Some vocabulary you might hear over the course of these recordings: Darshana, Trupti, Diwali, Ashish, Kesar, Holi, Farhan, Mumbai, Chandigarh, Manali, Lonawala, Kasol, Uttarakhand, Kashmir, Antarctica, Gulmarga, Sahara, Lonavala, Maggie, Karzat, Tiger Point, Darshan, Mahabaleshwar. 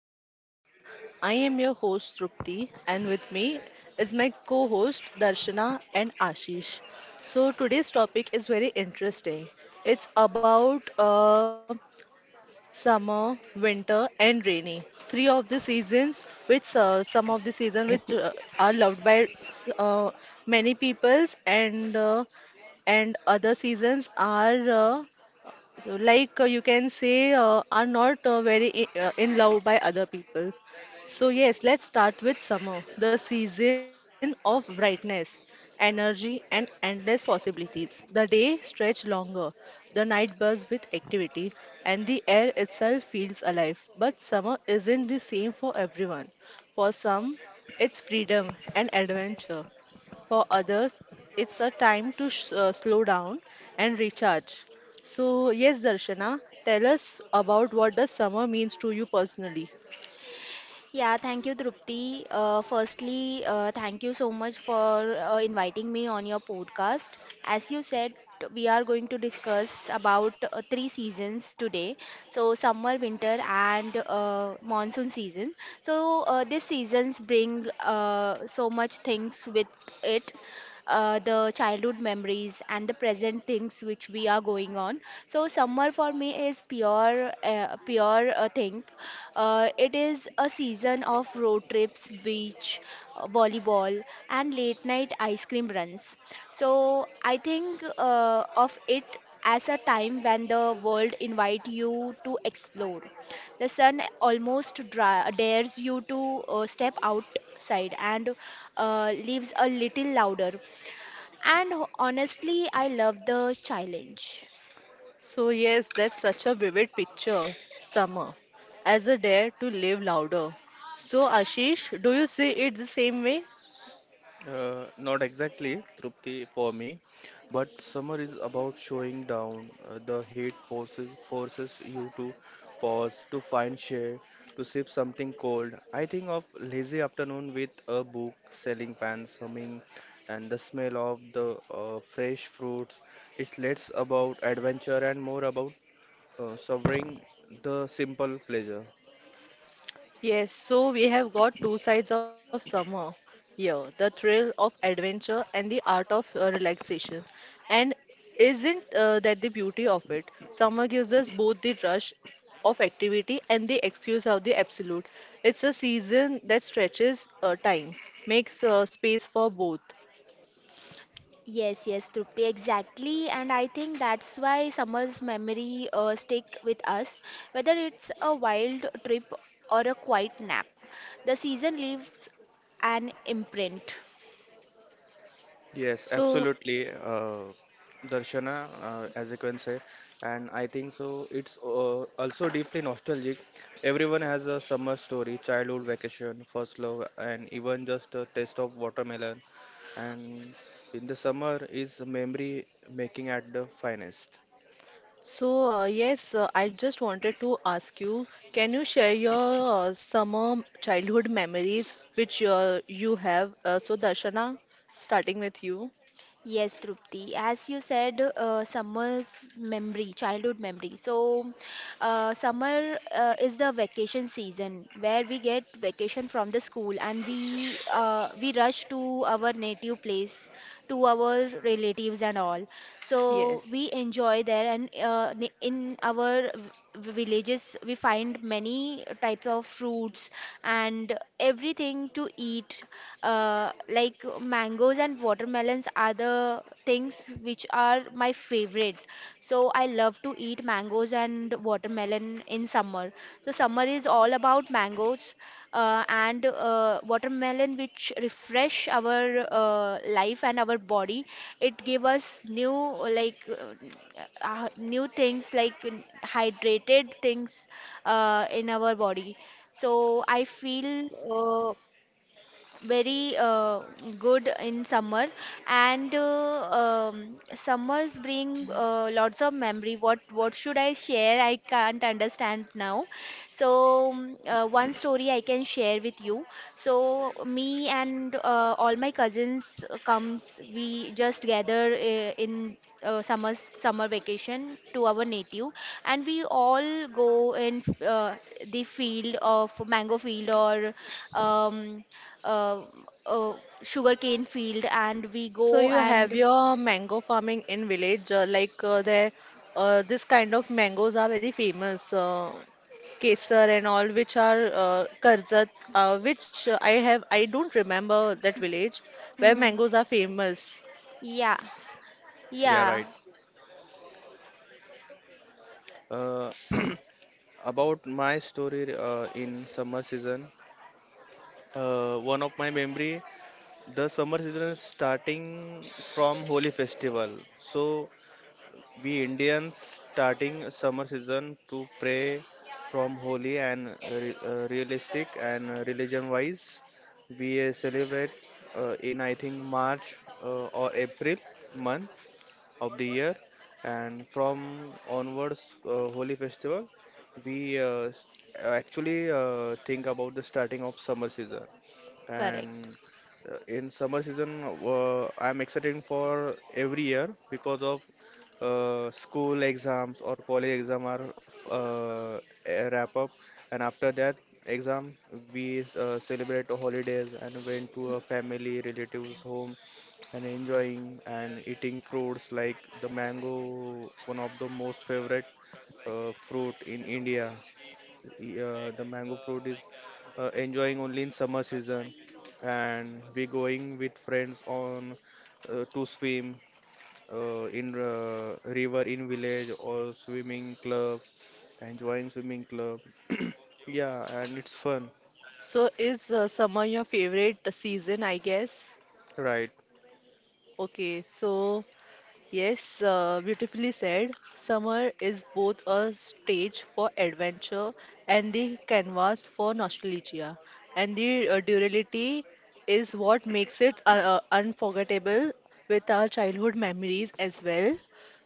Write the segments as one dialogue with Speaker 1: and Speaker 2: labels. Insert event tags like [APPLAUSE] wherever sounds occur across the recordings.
Speaker 1: to our podcast. I am your host Trupti, and with me is my co host Darshana and Ashish. So, today's topic is very interesting. It's about summer, winter, and rainy. Three of the seasons, which some of the season which are loved by many peoples, and other seasons are. You can say, are not very in love by other people. So, yes, let's start with summer, the season of brightness, energy, and endless possibilities. The day stretch longer, the night buzz with activity, and the air itself feels alive. But summer isn't the same for everyone. For some, it's freedom and adventure. For others, it's a time to slow down and recharge. So, yes, Darshana, tell us about what does summer means to you personally.
Speaker 2: Yeah, thank you, Trupti. Firstly, thank you so much for inviting me on your podcast. As you said, we are going to discuss about three seasons today. So, summer, winter, and monsoon season. So, these seasons bring so much things with it. The childhood memories and the present things which we are going on, so summer for me is pure thing. Uh, it is a season of road trips, beach volleyball, and late night ice cream runs. So I think of it as a time when the world invite you to explore. The sun almost dares you to step outside and leaves a little louder. And honestly, I love the challenge.
Speaker 1: So, yes, that's such a vivid picture, summer, as a dare to live louder. So, Ashish, do you see it the same way?
Speaker 3: Not exactly, Trupti, for me, but summer is about showing down. The heat forces you to pause, to find shade, to sip something cold. I think of lazy afternoon with a book, selling pans humming, and the smell of the fresh fruits. It's less about adventure and more about savoring the simple pleasure.
Speaker 1: Yes, so we have got two sides of summer here, the thrill of adventure and the art of relaxation. And isn't that the beauty of it? Summer gives us both the rush of activity and the excuse of the absolute. It's a season that stretches time, makes space for both.
Speaker 2: Yes, yes, Trupti, exactly. And I think that's why summer's memory stick with us, whether it's a wild trip or a quiet nap. The season leaves an imprint.
Speaker 3: Yes,
Speaker 1: So
Speaker 3: absolutely, Darshana, as you can say, and I think so. It's also deeply nostalgic. Everyone has a summer story, childhood vacation, first love, and even just a taste of watermelon. And in the summer is memory making at the finest.
Speaker 1: So, I just wanted to ask you, can you share your summer childhood memories which you have? So, Darshana, starting with you.
Speaker 2: Yes, Trupti. As you said, summer's memory, childhood memory. So, summer is the vacation season where we get vacation from the school and we rush to our native place, to our relatives and all. So
Speaker 1: Yes.
Speaker 2: we enjoy there and in our villages we find many types of fruits and everything to eat, like mangoes and watermelons are the things which are my favorite. So I love to eat mangoes and watermelon in summer. So summer is all about mangoes and watermelon, which refresh our life and our body. It give us new, like new things like hydrated things in our body. So I feel very good in summer and summers bring lots of memory. What should I share? I can't understand now. So one story I can share with you. So me and all my cousins comes, we just gather in summer vacation to our native and we all go in uh, the field of mango field or um, uh, uh, sugarcane field, and we
Speaker 1: So,
Speaker 2: go
Speaker 1: you have
Speaker 2: and
Speaker 1: your mango farming in village, like there, this kind of mangoes are very famous, Kesar and all, which are Karzat, which I have, I don't remember that village where
Speaker 2: Mhm.
Speaker 1: mangoes are famous.
Speaker 2: Yeah.
Speaker 3: Yeah,
Speaker 2: Yeah.
Speaker 3: right. Uh, [CLEARS THROAT] about my story in summer season, one of my memory. The summer season is starting from Holi festival. So we Indians starting summer season to pray from Holi and realistic and religion wise we celebrate in I think March or April month of the year, and from onwards Holi festival we actually think about the starting of summer season.
Speaker 2: Correct.
Speaker 3: And in summer season, I'm excited for every year because of school exams or college exam are uh, a wrap up. And after that exam we celebrate holidays and went to a family relatives home, and enjoying and eating fruits like the mango, one of the most favorite fruit in India. The mango fruit is enjoying only in summer season, and we going with friends on to swim in river in village or swimming club, enjoying swimming club. [CLEARS THROAT] Yeah, and it's fun,
Speaker 1: So is summer your favorite season, I guess?
Speaker 3: right?
Speaker 1: Okay, so yes, beautifully said. Summer is both a stage for adventure and the canvas for nostalgia. And the duality is what makes it unforgettable with our childhood memories as well.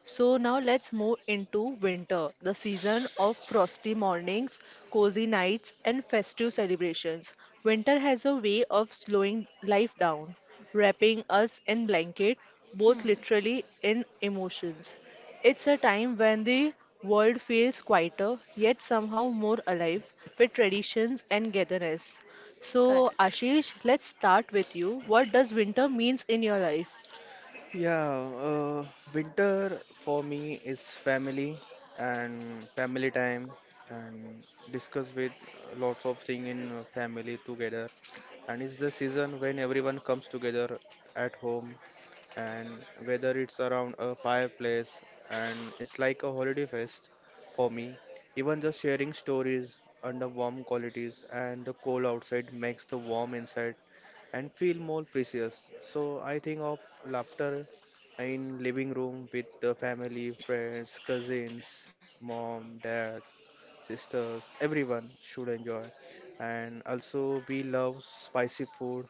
Speaker 1: So now let's move into winter, the season of frosty mornings, cozy nights, and festive celebrations. Winter has a way of slowing life down, wrapping us in blanket, both
Speaker 2: Hmm.
Speaker 1: literally and emotions. It's a time when the world feels quieter, yet somehow more alive with traditions and togetherness. So
Speaker 2: Correct.
Speaker 1: Ashish, let's start with you. What does winter means in your life?
Speaker 3: Yeah, uh, winter for me is family and family time and discuss with lots of thing in family together. And it's the season when everyone comes together at home, and whether it's around a fireplace, and it's like a holiday fest for me, even just sharing stories under warm qualities. And the cold outside makes the warm inside and feel more precious. So I think of laughter in living room with the family, friends, cousins, mom, dad, sisters, everyone should enjoy. And also we love spicy food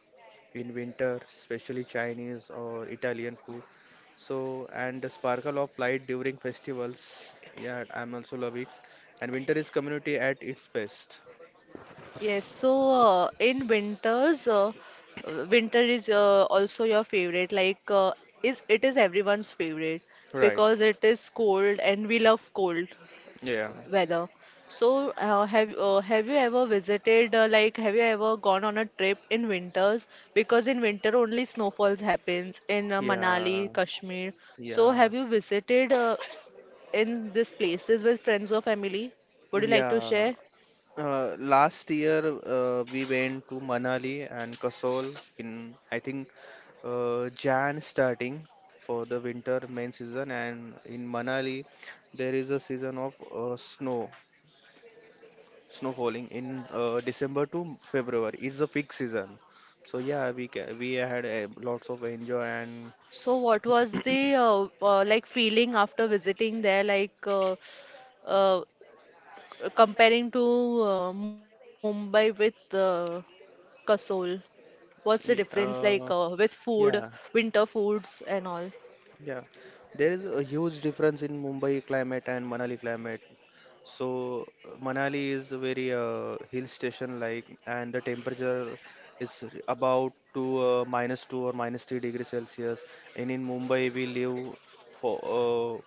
Speaker 3: in winter, especially Chinese or Italian food. So, and the sparkle of light during festivals. Yeah, I'm also love it. And winter is community at its best.
Speaker 1: Yes, so in winters, winter is also your favorite. Is it is everyone's favorite
Speaker 3: Right.
Speaker 1: because it is cold and we love cold
Speaker 3: Yeah.
Speaker 1: weather. So, have you ever visited? Have you ever gone on a trip in winters? Because in winter only snowfalls happens in Manali,
Speaker 3: Yeah.
Speaker 1: Kashmir. So,
Speaker 3: Yeah.
Speaker 1: have you visited in these places with friends or family? Would you like to
Speaker 3: Yeah.
Speaker 1: share?
Speaker 3: Last year, we went to Manali and Kasol in, I think, Jan starting for the winter main season. And in Manali, there is a season of snow falling in December to February. It's a peak season. So yeah, we had lots of enjoy, and
Speaker 1: So what was the like feeling after visiting there, like uh, comparing to Mumbai with Kasol? What's the
Speaker 3: y-
Speaker 1: difference
Speaker 3: uh,
Speaker 1: like with food,
Speaker 3: yeah.
Speaker 1: winter foods and all?
Speaker 3: Yeah, there is a huge difference in Mumbai climate and Manali climate. So Manali is a very hill station like, and the temperature is about to -2 or minus 3 degrees Celsius. And in Mumbai, we live for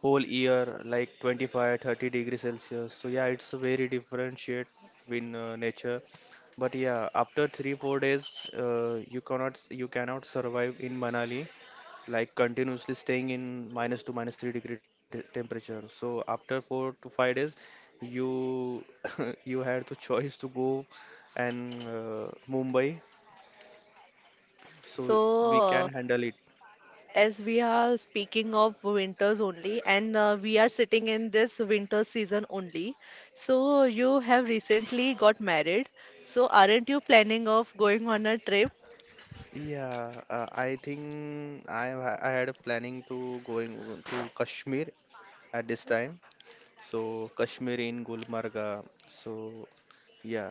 Speaker 3: whole year like 25, thirty 30 degrees Celsius. So yeah, it's a very different shade in nature. But yeah, after 3, 4 days, you cannot survive in Manali like continuously staying in -2, -3 degree temperature. So after 4 to 5 days, you [LAUGHS] you had the choice to go and Mumbai. So we can
Speaker 1: So
Speaker 3: handle it.
Speaker 1: as we are speaking of winters only, and we are sitting in this winter season only. So you have recently got married. So aren't you planning of going on a trip?
Speaker 3: Yeah, I think I had a planning to going to Kashmir at this time. So Kashmir in Gulmarga. So yeah,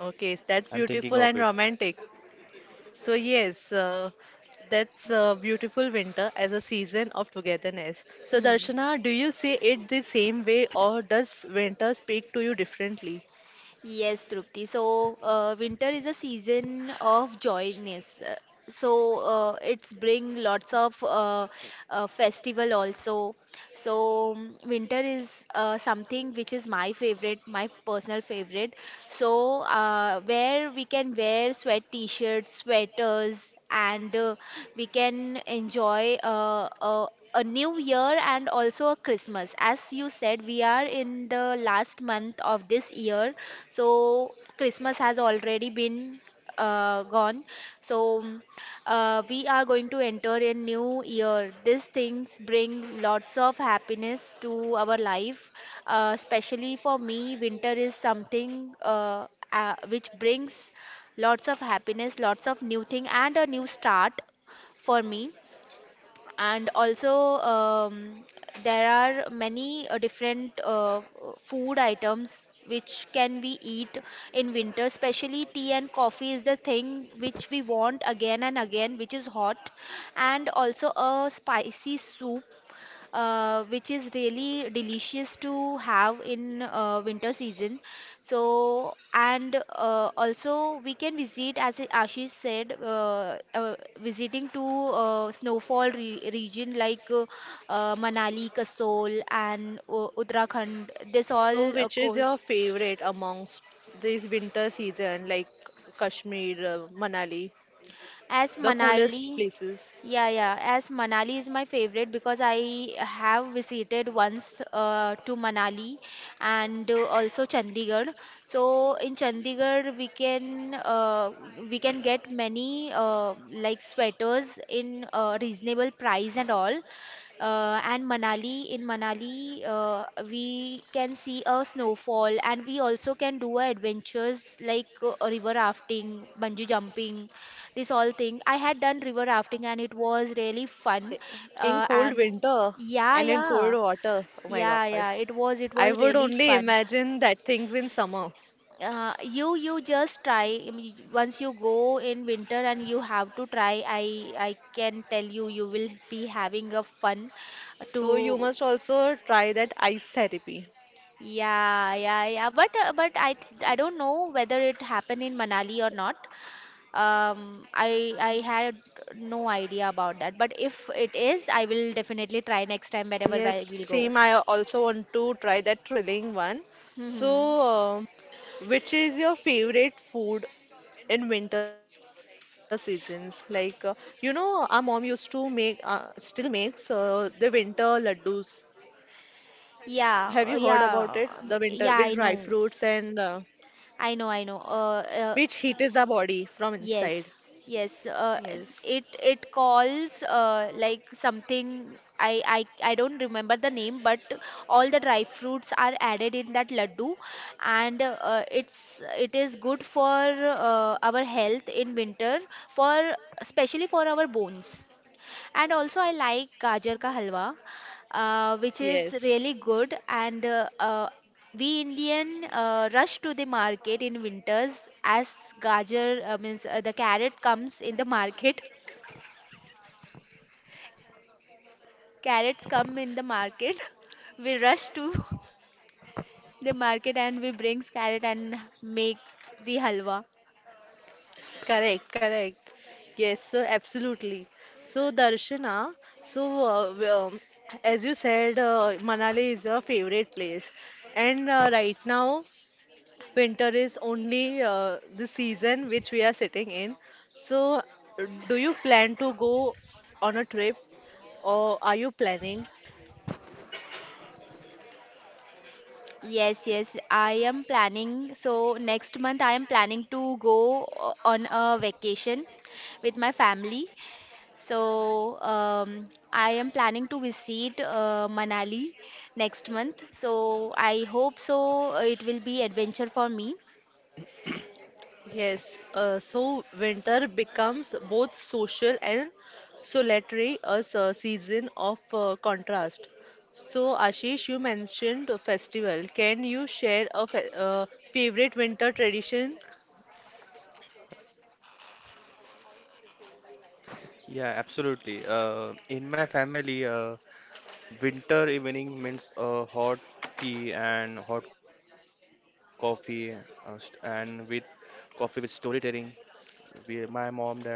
Speaker 1: Okay, that's
Speaker 3: I'm thinking
Speaker 1: beautiful
Speaker 3: of
Speaker 1: and
Speaker 3: it.
Speaker 1: romantic. So yes, that's a beautiful winter as a season of togetherness. So
Speaker 2: Hmm.
Speaker 1: Darshana, do you see it the same way or does winter speak to you differently?
Speaker 2: Yes, Trupti. So, winter is a season of joyness. So, it's bring lots of festival also. So, winter is something which is my favorite, my personal favorite. So, where we can wear sweat t-shirts, sweaters, and we can enjoy uh, a new year and also a Christmas. As you said, we are in the last month of this year, so Christmas has already been gone. So we are going to enter a new year. These things bring lots of happiness to our life. Especially for me, winter is something which brings lots of happiness, lots of new thing, and a new start for me. And also um, there are many different food items which can we eat in winter, especially tea and coffee is the thing which we want again and again, which is hot, and also a spicy soup which is really delicious to have in winter season. So, and also we can visit, as Ashish said, visiting to snowfall re region like Manali, Kasol, and Uttarakhand. This
Speaker 1: So
Speaker 2: all
Speaker 1: which is
Speaker 2: cold.
Speaker 1: your favorite amongst this winter season like Kashmir, Manali,
Speaker 2: As
Speaker 1: the coolest
Speaker 2: Manali.
Speaker 1: places?
Speaker 2: Yeah, yeah. As Manali is my favorite because I have visited once to Manali and also Chandigarh. So in Chandigarh we can get many like sweaters in reasonable price and all, and Manali. In Manali, we can see a snowfall, and we also can do a adventures like river rafting, bungee jumping, this all thing. I had done river rafting, and it was really fun.
Speaker 1: I- In cold
Speaker 2: And
Speaker 1: winter
Speaker 2: yeah,
Speaker 1: and in
Speaker 2: yeah,
Speaker 1: cold water. Oh my
Speaker 2: yeah,
Speaker 1: God.
Speaker 2: yeah. It was it
Speaker 1: I
Speaker 2: was
Speaker 1: would
Speaker 2: really
Speaker 1: only
Speaker 2: fun.
Speaker 1: imagine that things in summer.
Speaker 2: You just try. I mean, once you go in winter and you have to try. I can tell you, you will be having a fun
Speaker 1: So you
Speaker 2: to
Speaker 1: must also try that ice therapy.
Speaker 2: Yeah, yeah, yeah. But I don't know whether it happened in Manali or not. I had no idea about that. But if it is, I will definitely try next time whenever
Speaker 1: Yes,
Speaker 2: I will go.
Speaker 1: same. I also want to try that thrilling one. So,
Speaker 2: Hmm.
Speaker 1: which is your favorite food in winter seasons? You know, our mom used to make, still makes the winter laddus. Have you
Speaker 2: Yeah,
Speaker 1: heard
Speaker 2: uh,
Speaker 1: about it?
Speaker 2: yeah,
Speaker 1: The
Speaker 2: uh,
Speaker 1: winter with
Speaker 2: yeah.
Speaker 1: dry fruits and
Speaker 2: I know.
Speaker 1: which heats our body from
Speaker 2: Yes,
Speaker 1: inside.
Speaker 2: yes.
Speaker 1: Yes,
Speaker 2: It it calls like something. I don't remember the name, but all the dry fruits are added in that laddu, and it is good for our health in winter, for especially for our bones. And also, I like gajar ka halwa, which is
Speaker 1: yes.
Speaker 2: really good. And we Indian rush to the market in winters as gajar means the carrot comes in the market. [LAUGHS] Carrots come in the market. [LAUGHS] We rush to [LAUGHS] the market and we bring carrot and make the halwa.
Speaker 1: Correct, correct. Yes, so absolutely. So, Darshana, so as you said, Manali is your favorite place, and right now winter is only the season which we are sitting in. So, do you plan to go on a trip, or are you planning?
Speaker 2: Yes, yes, I am planning. So next month I am planning to go on a vacation with my family. So I am planning to visit Manali next month. So I hope so it will be adventure for me.
Speaker 1: Yes, so winter becomes both social and solitary, a season of contrast. So, Ashish, you mentioned a festival. Can you share a fe favorite winter tradition?
Speaker 3: Yeah, absolutely. In my family, winter evening means hot tea and hot coffee, and with coffee with storytelling. We, my mom, dad, and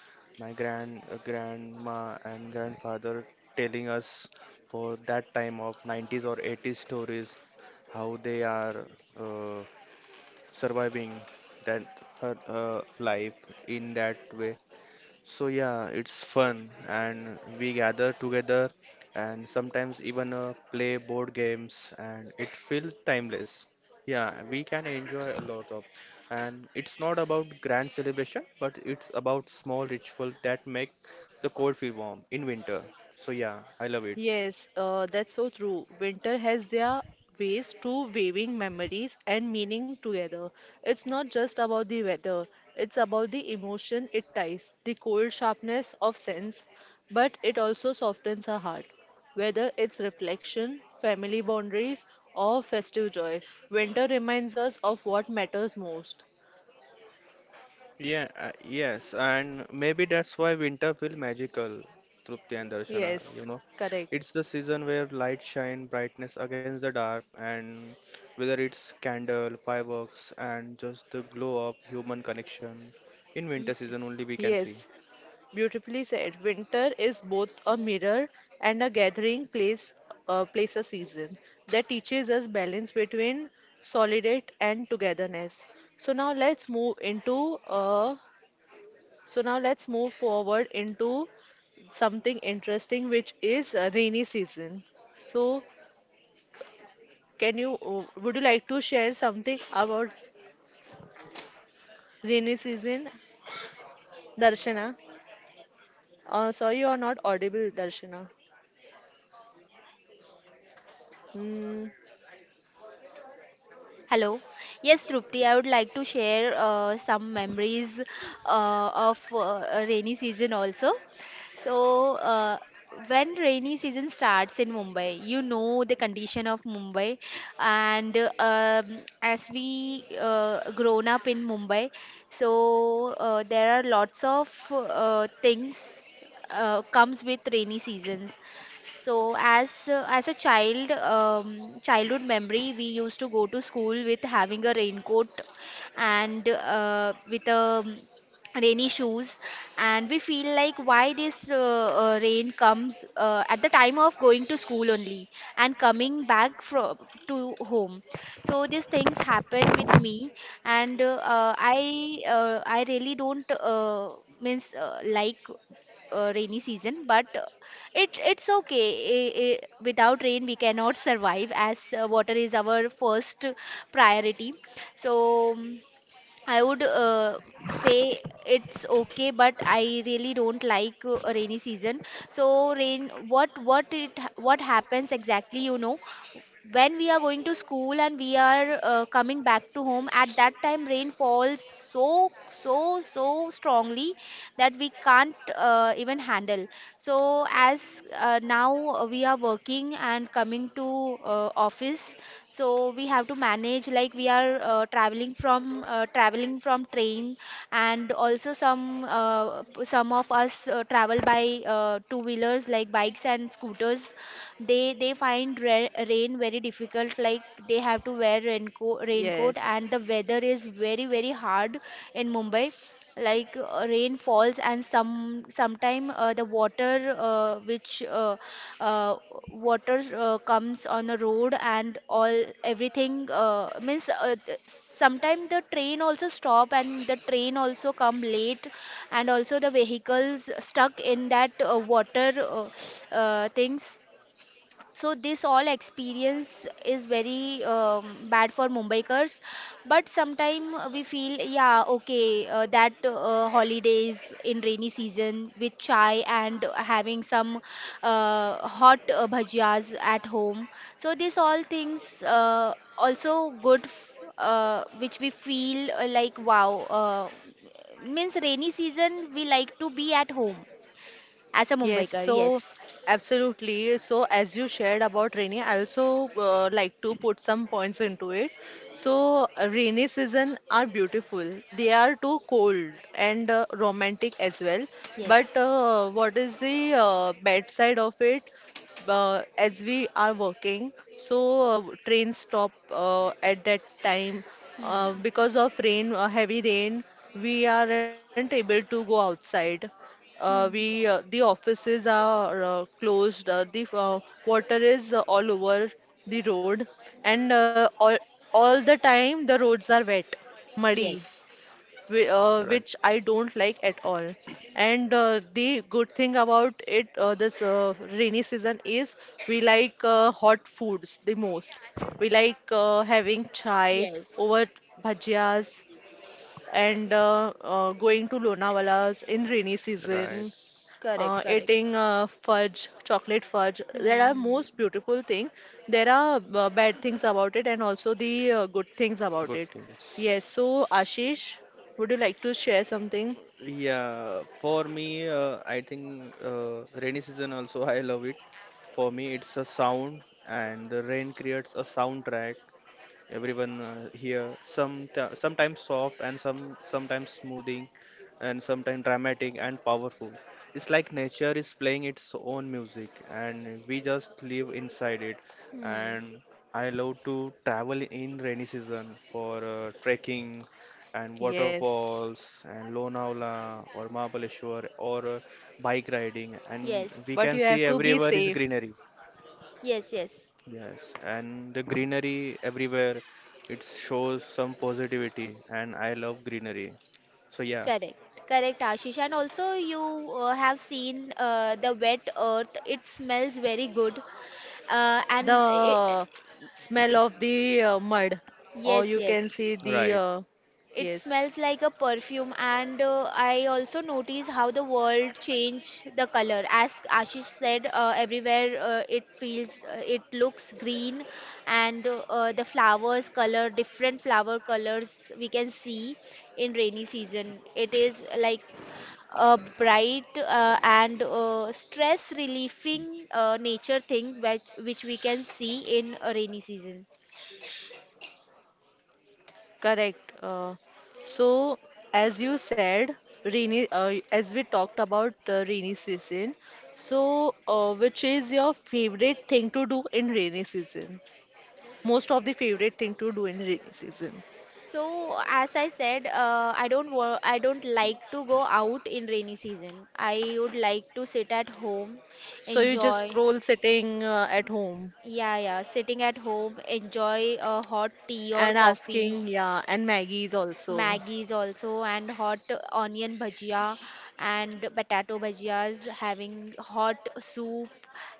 Speaker 3: my grandma and grandfather telling us for that time of 90s or 80s stories how they are uh, surviving that her life in that way, so yeah, it's fun, and we gather together and sometimes even play board games, and it feels timeless. Yeah, we can enjoy a lot of, and it's not about grand celebration, but it's about small ritual that make the cold feel warm in winter. So yeah, I love it.
Speaker 1: Yes, that's so true. Winter has their ways to weaving memories and meaning together. It's not just about the weather, it's about the emotion it ties, the cold sharpness of sense, but it also softens our heart. Whether it's reflection, family boundaries, or festive joy, winter reminds us of what matters most.
Speaker 3: Yeah, yes, and maybe that's why winter feel magical, Trupti and Darshana, you
Speaker 1: Yes,
Speaker 3: know.
Speaker 1: correct.
Speaker 3: It's the season where light shine brightness against the dark, and whether it's candle, fireworks, and just the glow of human connection, in winter season only we can see.
Speaker 1: Yes, beautifully said. Winter is both a mirror and a gathering place, a season that teaches us balance between solitude and togetherness. So now let's move into so now let's move forward into something interesting, which is rainy season. So can you would you like to share something about rainy season, Darshana? Sorry, you are not audible, Darshana. Mm,
Speaker 2: Hello. Yes, Trupti, I would like to share some memories of rainy season also. So, when rainy season starts in Mumbai, you know the condition of Mumbai, and as we grown up in Mumbai, so there are lots of things comes with rainy seasons. So as a child, childhood memory, we used to go to school with having a raincoat and with a rainy shoes, and we feel like why this rain comes at the time of going to school only and coming back from to home. So these things happen with me. And I really don't means like rainy season, but it it's okay. Without rain we cannot survive, as water is our first priority. So um, I would say it's okay, but I really don't like rainy season. So rain, what happens exactly, you know? When we are going to school and we are coming back to home, at that time rain falls so strongly that we can't even handle. So as now we are working and coming to office, so we have to manage. Like we are traveling from train, and also some some of us travel by two wheelers like bikes and scooters. They find rain very difficult. Like they have to wear raincoat,
Speaker 1: yes.
Speaker 2: and the weather is very very hard in Mumbai. Like rain falls and some sometime the uh, water comes on the road and all. Everything means sometimes the train also stop and the train also come late, and also the vehicles stuck in that water things. So this all experience is very bad for mumbaikars. But sometime we feel yeah okay, that holidays in rainy season with chai and having some hot bhajias at home. So this all things also good, which we feel like wow, means rainy season we like to be at home as a
Speaker 1: Yes,
Speaker 2: mumbaikar.
Speaker 1: so
Speaker 2: Yes.
Speaker 1: absolutely. So, as you shared about rainy, I also like to put some points into it. So, rainy season are beautiful. They are too cold and romantic as well. But
Speaker 2: Yes.
Speaker 1: what is the bad side of it? As we are working, so trains stop at that time.
Speaker 2: Hmm.
Speaker 1: Because of rain, heavy rain, we aren't able to go outside. We
Speaker 2: Hmm.
Speaker 1: the offices are closed. The water is all over the road, and all the time the roads are wet, muddy,
Speaker 2: Yes.
Speaker 3: Right,
Speaker 1: which I don't like at all. And the good thing about it, this rainy season is we like hot foods the most. We like having chai
Speaker 2: Yes.
Speaker 1: over bhajias and going to Lonawala's in rainy
Speaker 3: right.
Speaker 1: season
Speaker 2: Correct. Correct.
Speaker 1: eating fudge, chocolate fudge. That
Speaker 2: Hmm.
Speaker 1: are most beautiful thing. There are bad things about it and also the good things about
Speaker 3: Good
Speaker 1: it.
Speaker 3: things.
Speaker 1: Yes, so Ashish, would you like to share something?
Speaker 3: Yeah, for me, I think rainy season also [LAUGHS] I love it. For me, it's a sound, and the rain creates a soundtrack everyone here sometimes soft and sometimes smoothing and sometimes dramatic and powerful. It's like nature is playing its own music and we just live inside it.
Speaker 2: Hmm. Hmm.
Speaker 3: And I love to travel in rainy season for trekking and
Speaker 1: Yes,
Speaker 3: waterfalls and Lonavala or Mahabaleshwar or bike riding, and
Speaker 2: Yes.
Speaker 3: we
Speaker 1: but
Speaker 3: can
Speaker 1: you
Speaker 3: see
Speaker 1: have to be
Speaker 3: everywhere is
Speaker 1: safe.
Speaker 3: greenery.
Speaker 2: Yes. Yes.
Speaker 3: Yes, and the greenery everywhere, it shows some positivity, and I love greenery. So yeah,
Speaker 2: Correct. Correct, Ashish. And also, you have seen the wet earth. It smells very good. And it,
Speaker 1: The smell of the mud, or
Speaker 2: yes.
Speaker 1: you can
Speaker 2: Yes.
Speaker 1: see the
Speaker 3: right.
Speaker 2: It
Speaker 1: yes.
Speaker 2: smells like a perfume, and I also notice how the world change the color. As Ashish said, everywhere it looks green, and the flowers color, different flower colors we can see in rainy season. It is like a bright and stress relieving nature thing which we can see in a rainy season.
Speaker 1: Correct. So, as you said, rainy, as we talked about rainy season, so which is your favorite thing to do in rainy season? Most of the favorite thing to do in rainy season.
Speaker 2: So, as I said, I don't wo- I don't like to go out in rainy season. I would like to sit at home,
Speaker 1: So you just
Speaker 2: enjoy.
Speaker 1: scroll sitting at home
Speaker 2: Yeah, yeah, sitting at home, enjoy a hot tea or
Speaker 1: and
Speaker 2: coffee,
Speaker 1: asking, yeah, and Maggie's also.
Speaker 2: Maggie's also, and hot onion bhajia and potato bhajias, having hot soup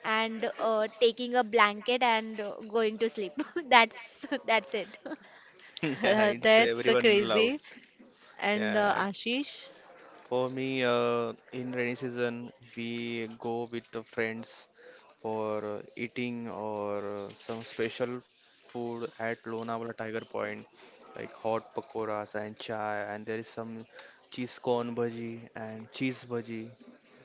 Speaker 2: and taking a blanket and going to sleep. [LAUGHS] That's it. [LAUGHS]
Speaker 3: [LAUGHS]
Speaker 1: [LAUGHS]
Speaker 3: Yeah, it's
Speaker 1: That's
Speaker 3: everyone
Speaker 1: crazy.
Speaker 3: loves.
Speaker 1: And
Speaker 3: Yeah.
Speaker 1: Ashish?
Speaker 3: For me, in rainy season, we go with the friends for eating or some special food at Lonavala Tiger Point, like hot pakoras and chai, and there is some cheese corn bhaji and cheese bhaji.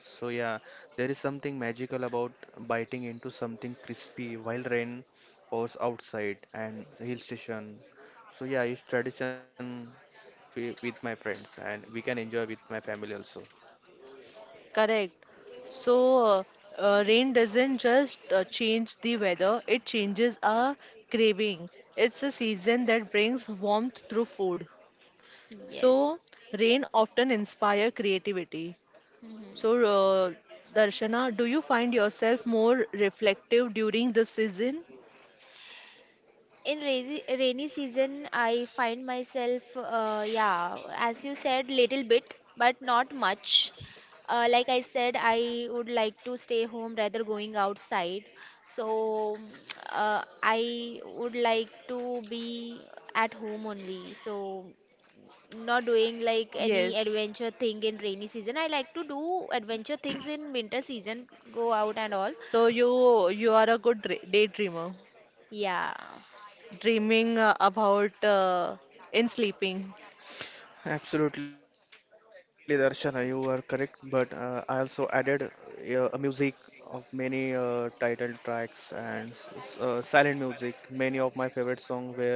Speaker 3: So yeah, there is something magical about biting into something crispy while rain pours outside and hill station. So yeah, it's tradition with my friends and we can enjoy with my family also.
Speaker 1: Correct. So, rain doesn't just change the weather, it changes our craving. It's a season that brings warmth through food.
Speaker 2: Yes.
Speaker 1: So, rain often inspire creativity.
Speaker 2: Mhm.
Speaker 1: So, Darshana, do you find yourself more reflective during the season?
Speaker 2: In rainy, season I find myself, yeah, as you said, little bit but not much. Like I said, I would like to stay home rather going outside. So [TSK] I would like to be at home only. So not doing like any
Speaker 1: Yes.
Speaker 2: adventure thing in rainy season. I like to do adventure things in winter season, go out and all.
Speaker 1: So you are a good daydreamer,
Speaker 2: Yeah.
Speaker 1: dreaming about in sleeping.
Speaker 3: Absolutely, Darshana, you are correct. But I also added a music of many title tracks and silent music. Many of my favorite songs were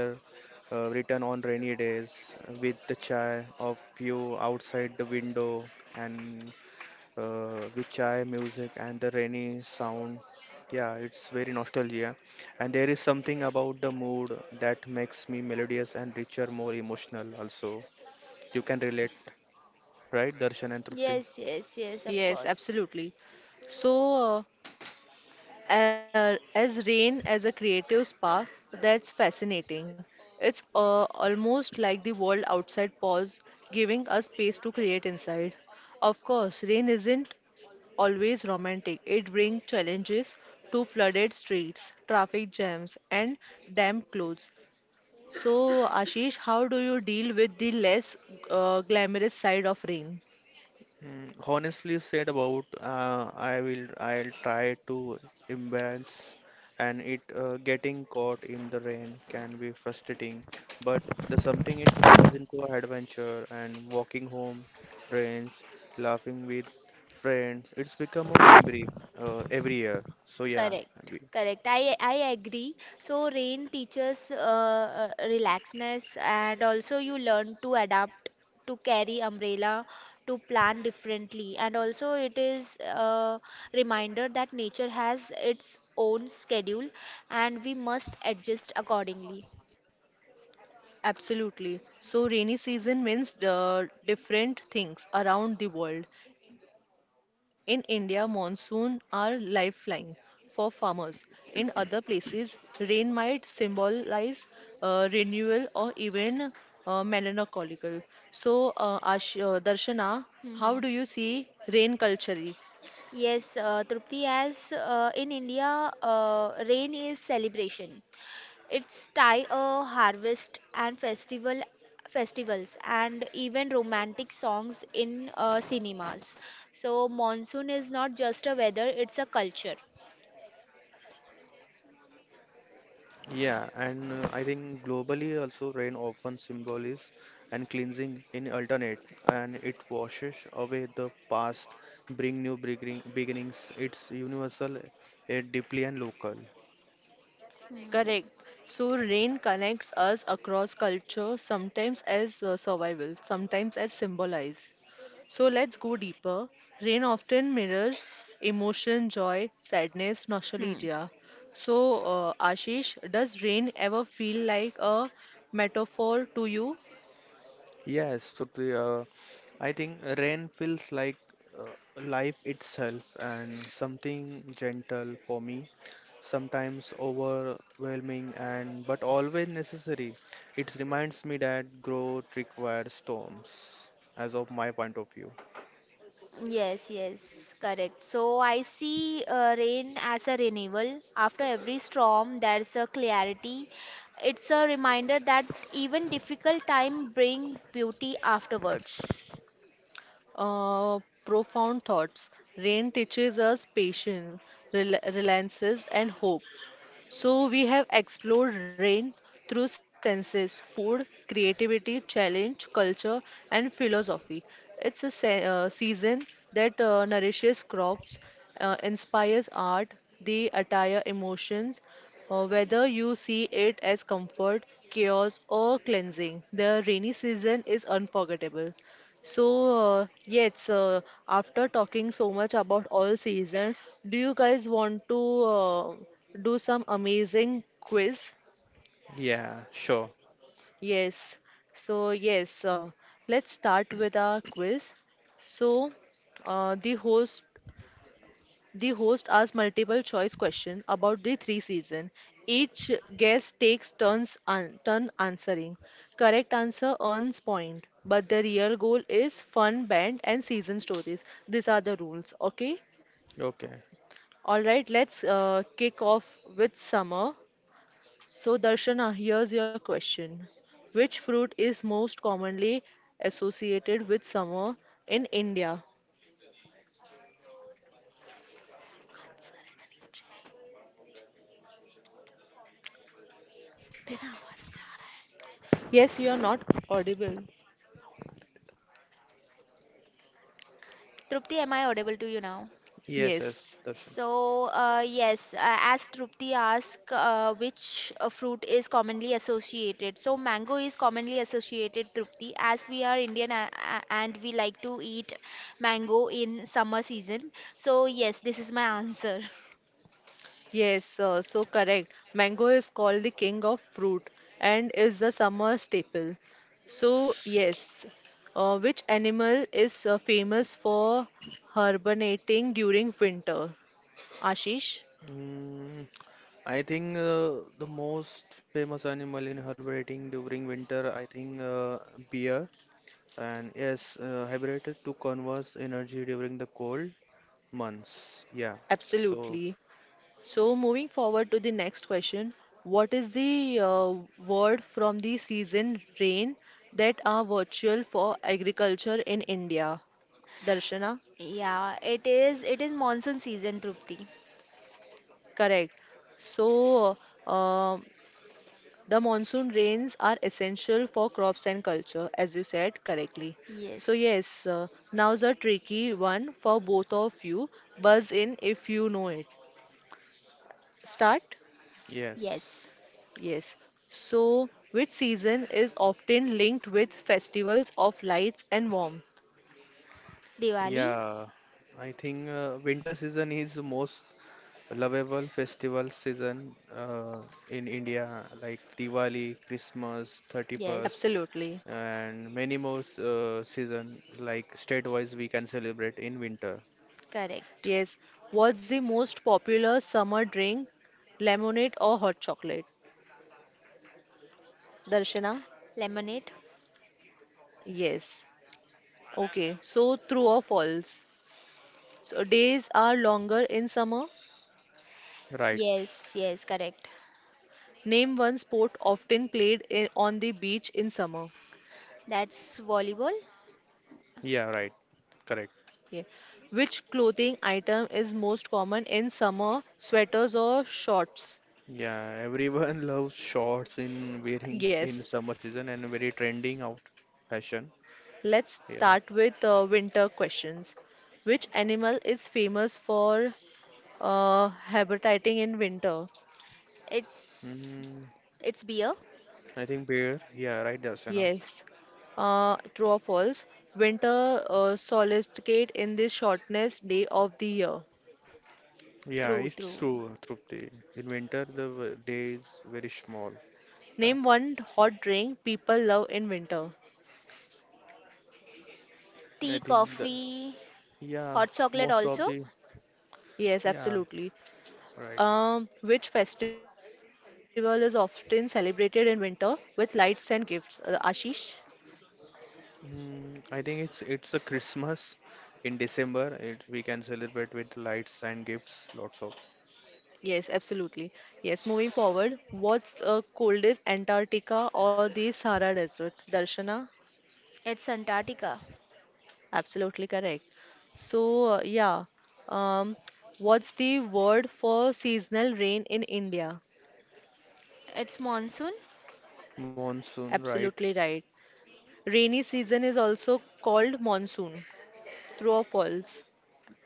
Speaker 3: written on rainy days with the chai of you outside the window and with chai music and the rainy sound. Yeah, it's very nostalgia. And there is something about the mood that makes me melodious and richer, more emotional also. You can relate, right, Darshan and Trupti?
Speaker 2: Yes, yes, yes, of
Speaker 1: Yes,
Speaker 2: course.
Speaker 1: absolutely. So, as rain as a creative spark, that's fascinating. It's almost like the world outside pause, giving us space to create inside. Of course rain isn't always romantic, it brings challenges to flooded streets, traffic jams, and damp clothes. So Ashish, how do you deal with the less glamorous side of rain?
Speaker 3: Honestly said about I'll try to imbalance. And it getting caught in the rain can be frustrating, but the something it turns into an adventure and walking home, trains, laughing with friends, it's become a memory every year. So yeah,
Speaker 2: Correct,
Speaker 3: we.
Speaker 2: correct. I agree. So rain teaches relaxedness, and also you learn to adapt, to carry umbrella, to plan differently, and also it is a reminder that nature has its own schedule, and we must adjust accordingly.
Speaker 1: Absolutely. So, rainy season means the different things around the world. In India, monsoon are lifeline for farmers. In other places, rain might symbolize renewal or even melancholical. So, Ash Darshana, how do
Speaker 2: Mhm.
Speaker 1: you see rain culturally?
Speaker 2: Yes, Trupti, as in India, rain is celebration. It's tie a harvest and festivals and even romantic songs in cinemas. So monsoon is not just a weather, it's a culture.
Speaker 3: Yeah, and I think globally also rain often symbolizes and cleansing in alternate, and it washes away the past, bring new beginnings. It's universal, deeply and local.
Speaker 2: Hmm.
Speaker 1: Correct. So rain connects us across culture, sometimes as survival, sometimes as symbolize. So let's go deeper. Rain often mirrors emotion, joy, sadness,
Speaker 2: Hmm.
Speaker 1: nostalgia. So, Ashish, does rain ever feel like a metaphor to you?
Speaker 3: Yes, so I think rain feels like life itself and something gentle for me, sometimes overwhelming and but always necessary. It reminds me that growth requires storms, as of my point of view.
Speaker 2: Yes, yes, correct. So I see rain as a renewal. After every storm, there's a clarity. It's a reminder that even difficult time bring beauty afterwards.
Speaker 1: Uh, profound thoughts. Rain teaches us patience, relances, and hope. So we have explored rain through senses, food, creativity, challenge, culture, and philosophy. It's a season that nourishes crops, inspires art, the attire emotions. Whether you see it as comfort, chaos, or cleansing, the rainy season is unforgettable. So, yes, after talking so much about all season, do you guys want to do some amazing quiz?
Speaker 3: Yeah, sure.
Speaker 1: Yes. So, yes, let's start with our quiz. So, uh, the host the host asks multiple choice questions about the three seasons. Each guest takes turns turn answering. Correct answer earns point, but the real goal is fun, band, and season stories. These are the rules. Okay.
Speaker 3: Okay.
Speaker 1: All right. Let's kick off with summer. So Darshana, here's your question. Which fruit is most commonly associated with summer in India? Yes, you are not audible.
Speaker 2: Trupti, am I audible to you now?
Speaker 3: Yes,
Speaker 1: Yes.
Speaker 3: yes, Darshan.
Speaker 2: So, yes, as Trupti asked, which fruit is commonly associated? So, mango is commonly associated, Trupti, as we are Indian and we like to eat mango in summer season. So, yes, this is my [LAUGHS] answer.
Speaker 1: Yes, so correct. Mango is called the king of fruit and is the summer staple. So, yes, which animal is famous for hibernating during winter? Ashish?
Speaker 3: Mm, I think the most famous animal in herbiting during winter, I think bear. And yes, hibernated to conserve energy during the cold months. Yeah. So,
Speaker 1: Absolutely. So, moving forward to the next question, what is the word from the season rain that are virtual for agriculture in India? Darshana?
Speaker 2: Yeah, it is. It is monsoon season, Trupti.
Speaker 1: Correct. So, uh, the monsoon rains are essential for crops and culture, as you said correctly. So,
Speaker 2: Yes.
Speaker 1: yes, now's a tricky one for both of you. Buzz in if you know it. Start?
Speaker 2: Yes.
Speaker 3: yes.
Speaker 1: Yes. So, which season is often linked with festivals of lights and warmth?
Speaker 2: Diwali?
Speaker 3: Yeah. I think winter season is the most lovable festival season in India, like Diwali, Christmas, 31st,
Speaker 2: Yes.
Speaker 1: Absolutely.
Speaker 3: and many more season like state-wise we can celebrate in winter.
Speaker 2: Correct.
Speaker 1: Yes. What's the most popular summer drink, lemonade or hot chocolate? Darshana?
Speaker 2: Lemonade?
Speaker 1: Yes. Okay. So, true or false? So days are longer in summer.
Speaker 3: Right.
Speaker 2: Yes, yes, correct.
Speaker 1: Name one sport often played in, on the beach in summer.
Speaker 2: That's volleyball.
Speaker 3: Yeah, right. Correct.
Speaker 1: Yeah. Which clothing item is most common in summer? Sweaters or shorts?
Speaker 3: Yeah, everyone [LAUGHS] loves shorts in wearing in
Speaker 1: Yes.
Speaker 3: summer season and very trending out fashion.
Speaker 1: Let's
Speaker 3: Yeah.
Speaker 1: start with winter questions. Which animal is famous for habitating in winter?
Speaker 2: It's
Speaker 3: Mm,
Speaker 2: it's beer.
Speaker 3: I think bear. Yeah, right, Darsana.
Speaker 1: Yes. True or false? Winter solicitate in the shortest day of the year.
Speaker 3: Yeah,
Speaker 2: True,
Speaker 3: it's
Speaker 2: true.
Speaker 3: true, Trupti. In winter, the day is very small. Right.
Speaker 1: Name one hot drink people love in winter.
Speaker 2: Tea,
Speaker 3: I think the
Speaker 2: coffee,
Speaker 3: Yeah,
Speaker 2: hot chocolate
Speaker 3: most of
Speaker 2: also.
Speaker 3: the
Speaker 1: Yes,
Speaker 3: yeah,
Speaker 1: absolutely.
Speaker 3: right.
Speaker 1: Which festival is often celebrated in winter with lights and gifts? Ashish?
Speaker 3: I think it's a Christmas in December. It We can celebrate with lights and gifts, lots of
Speaker 1: Yes, absolutely. Yes, moving forward, what's the coldest Antarctica or the Sahara Desert? Darshana?
Speaker 2: It's Antarctica.
Speaker 1: Absolutely correct. So, yeah, um, what's the word for seasonal rain in India?
Speaker 2: It's monsoon.
Speaker 3: monsoon, right?
Speaker 1: Absolutely right. Rainy season is also called monsoon. True or false?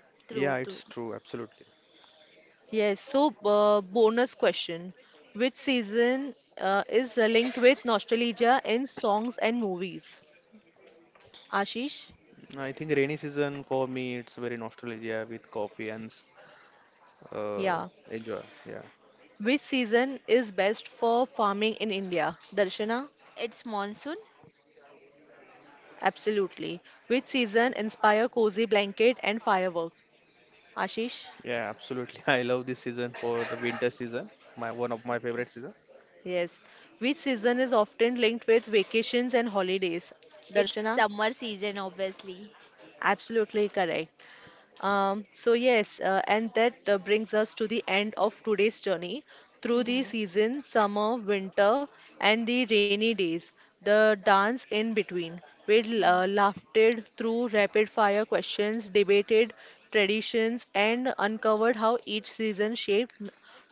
Speaker 3: Yeah,
Speaker 2: True,
Speaker 3: it's
Speaker 2: true.
Speaker 3: true, absolutely.
Speaker 1: Yes. So, bonus question. Which season is linked with nostalgia in songs and movies? Ashish?
Speaker 3: I think rainy season for me it's very nostalgia with coffee and uh,
Speaker 1: Yeah.
Speaker 3: enjoy. Yeah,
Speaker 1: Which season is best for farming in India? Darshana?
Speaker 2: It's monsoon.
Speaker 1: Absolutely. Which season inspire cozy blanket and firework? Ashish?
Speaker 3: yeah, absolutely. [LAUGHS] I love this season for the winter season. My one of my favorite season.
Speaker 1: Yes. Which season is often linked with vacations and holidays?
Speaker 2: It's
Speaker 1: Darshana?
Speaker 2: summer season, obviously.
Speaker 1: Absolutely correct. So, yes, and that brings us to the end of today's journey through the
Speaker 2: Hmm.
Speaker 1: season, summer, winter, and the rainy days, the dance in between. We
Speaker 2: Hmm.
Speaker 1: laughter through rapid fire questions, debated traditions, and uncovered how each season shaped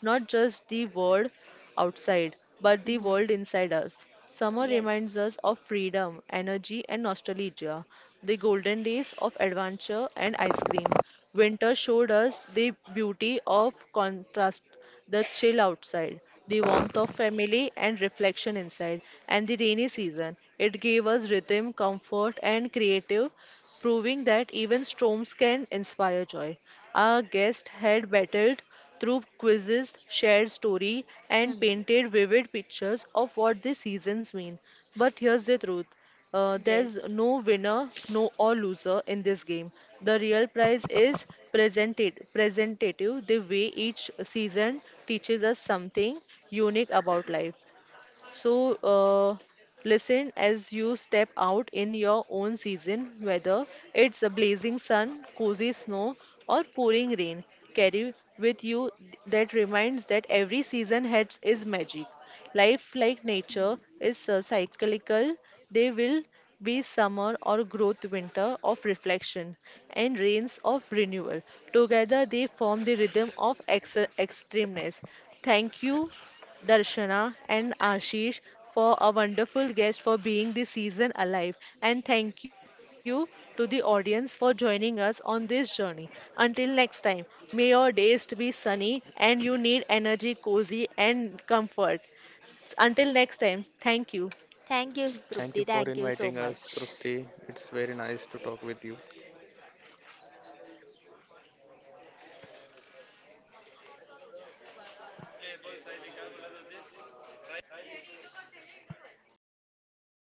Speaker 1: not just the world outside, but the
Speaker 2: Hmm.
Speaker 1: world inside us. Summer reminds
Speaker 2: Yes.
Speaker 1: us of freedom, energy, and nostalgia, the golden days of adventure and ice cream. Winter showed us the beauty of contrast, the chill outside, the warmth of family, and reflection inside. And the rainy season, it gave us rhythm, comfort, and creative proving that even storms can inspire joy. Our guest had battled through quizzes, shared story, and
Speaker 2: Hmm.
Speaker 1: painted vivid pictures of what the seasons mean. But here's the truth. There's
Speaker 2: Yes.
Speaker 1: no winner, no or loser in this game. The real prize is presented, presentative, the way each season teaches us something unique about life. So, listen as you step out in your own season, whether it's a blazing sun, cozy snow, or pouring rain. Carry with you that reminds that every season has its magic. Life, like nature,
Speaker 2: Hmm.
Speaker 1: is cyclical. There will be summer or growth, winter of reflection, and rains of renewal. Together, they form the rhythm of extremeness. Thank you Darshana, and Ashish for a wonderful guest for being this season alive. And thank you to the audience for joining us on this journey. Until next time, may your days be sunny and you need energy, cozy, and comfort. Until next time, thank you.
Speaker 2: Thank you,
Speaker 3: Thank you
Speaker 2: Trupti.
Speaker 3: for
Speaker 2: Thank you so
Speaker 3: inviting us,
Speaker 2: much.
Speaker 3: Trupti. It's very nice to talk with you.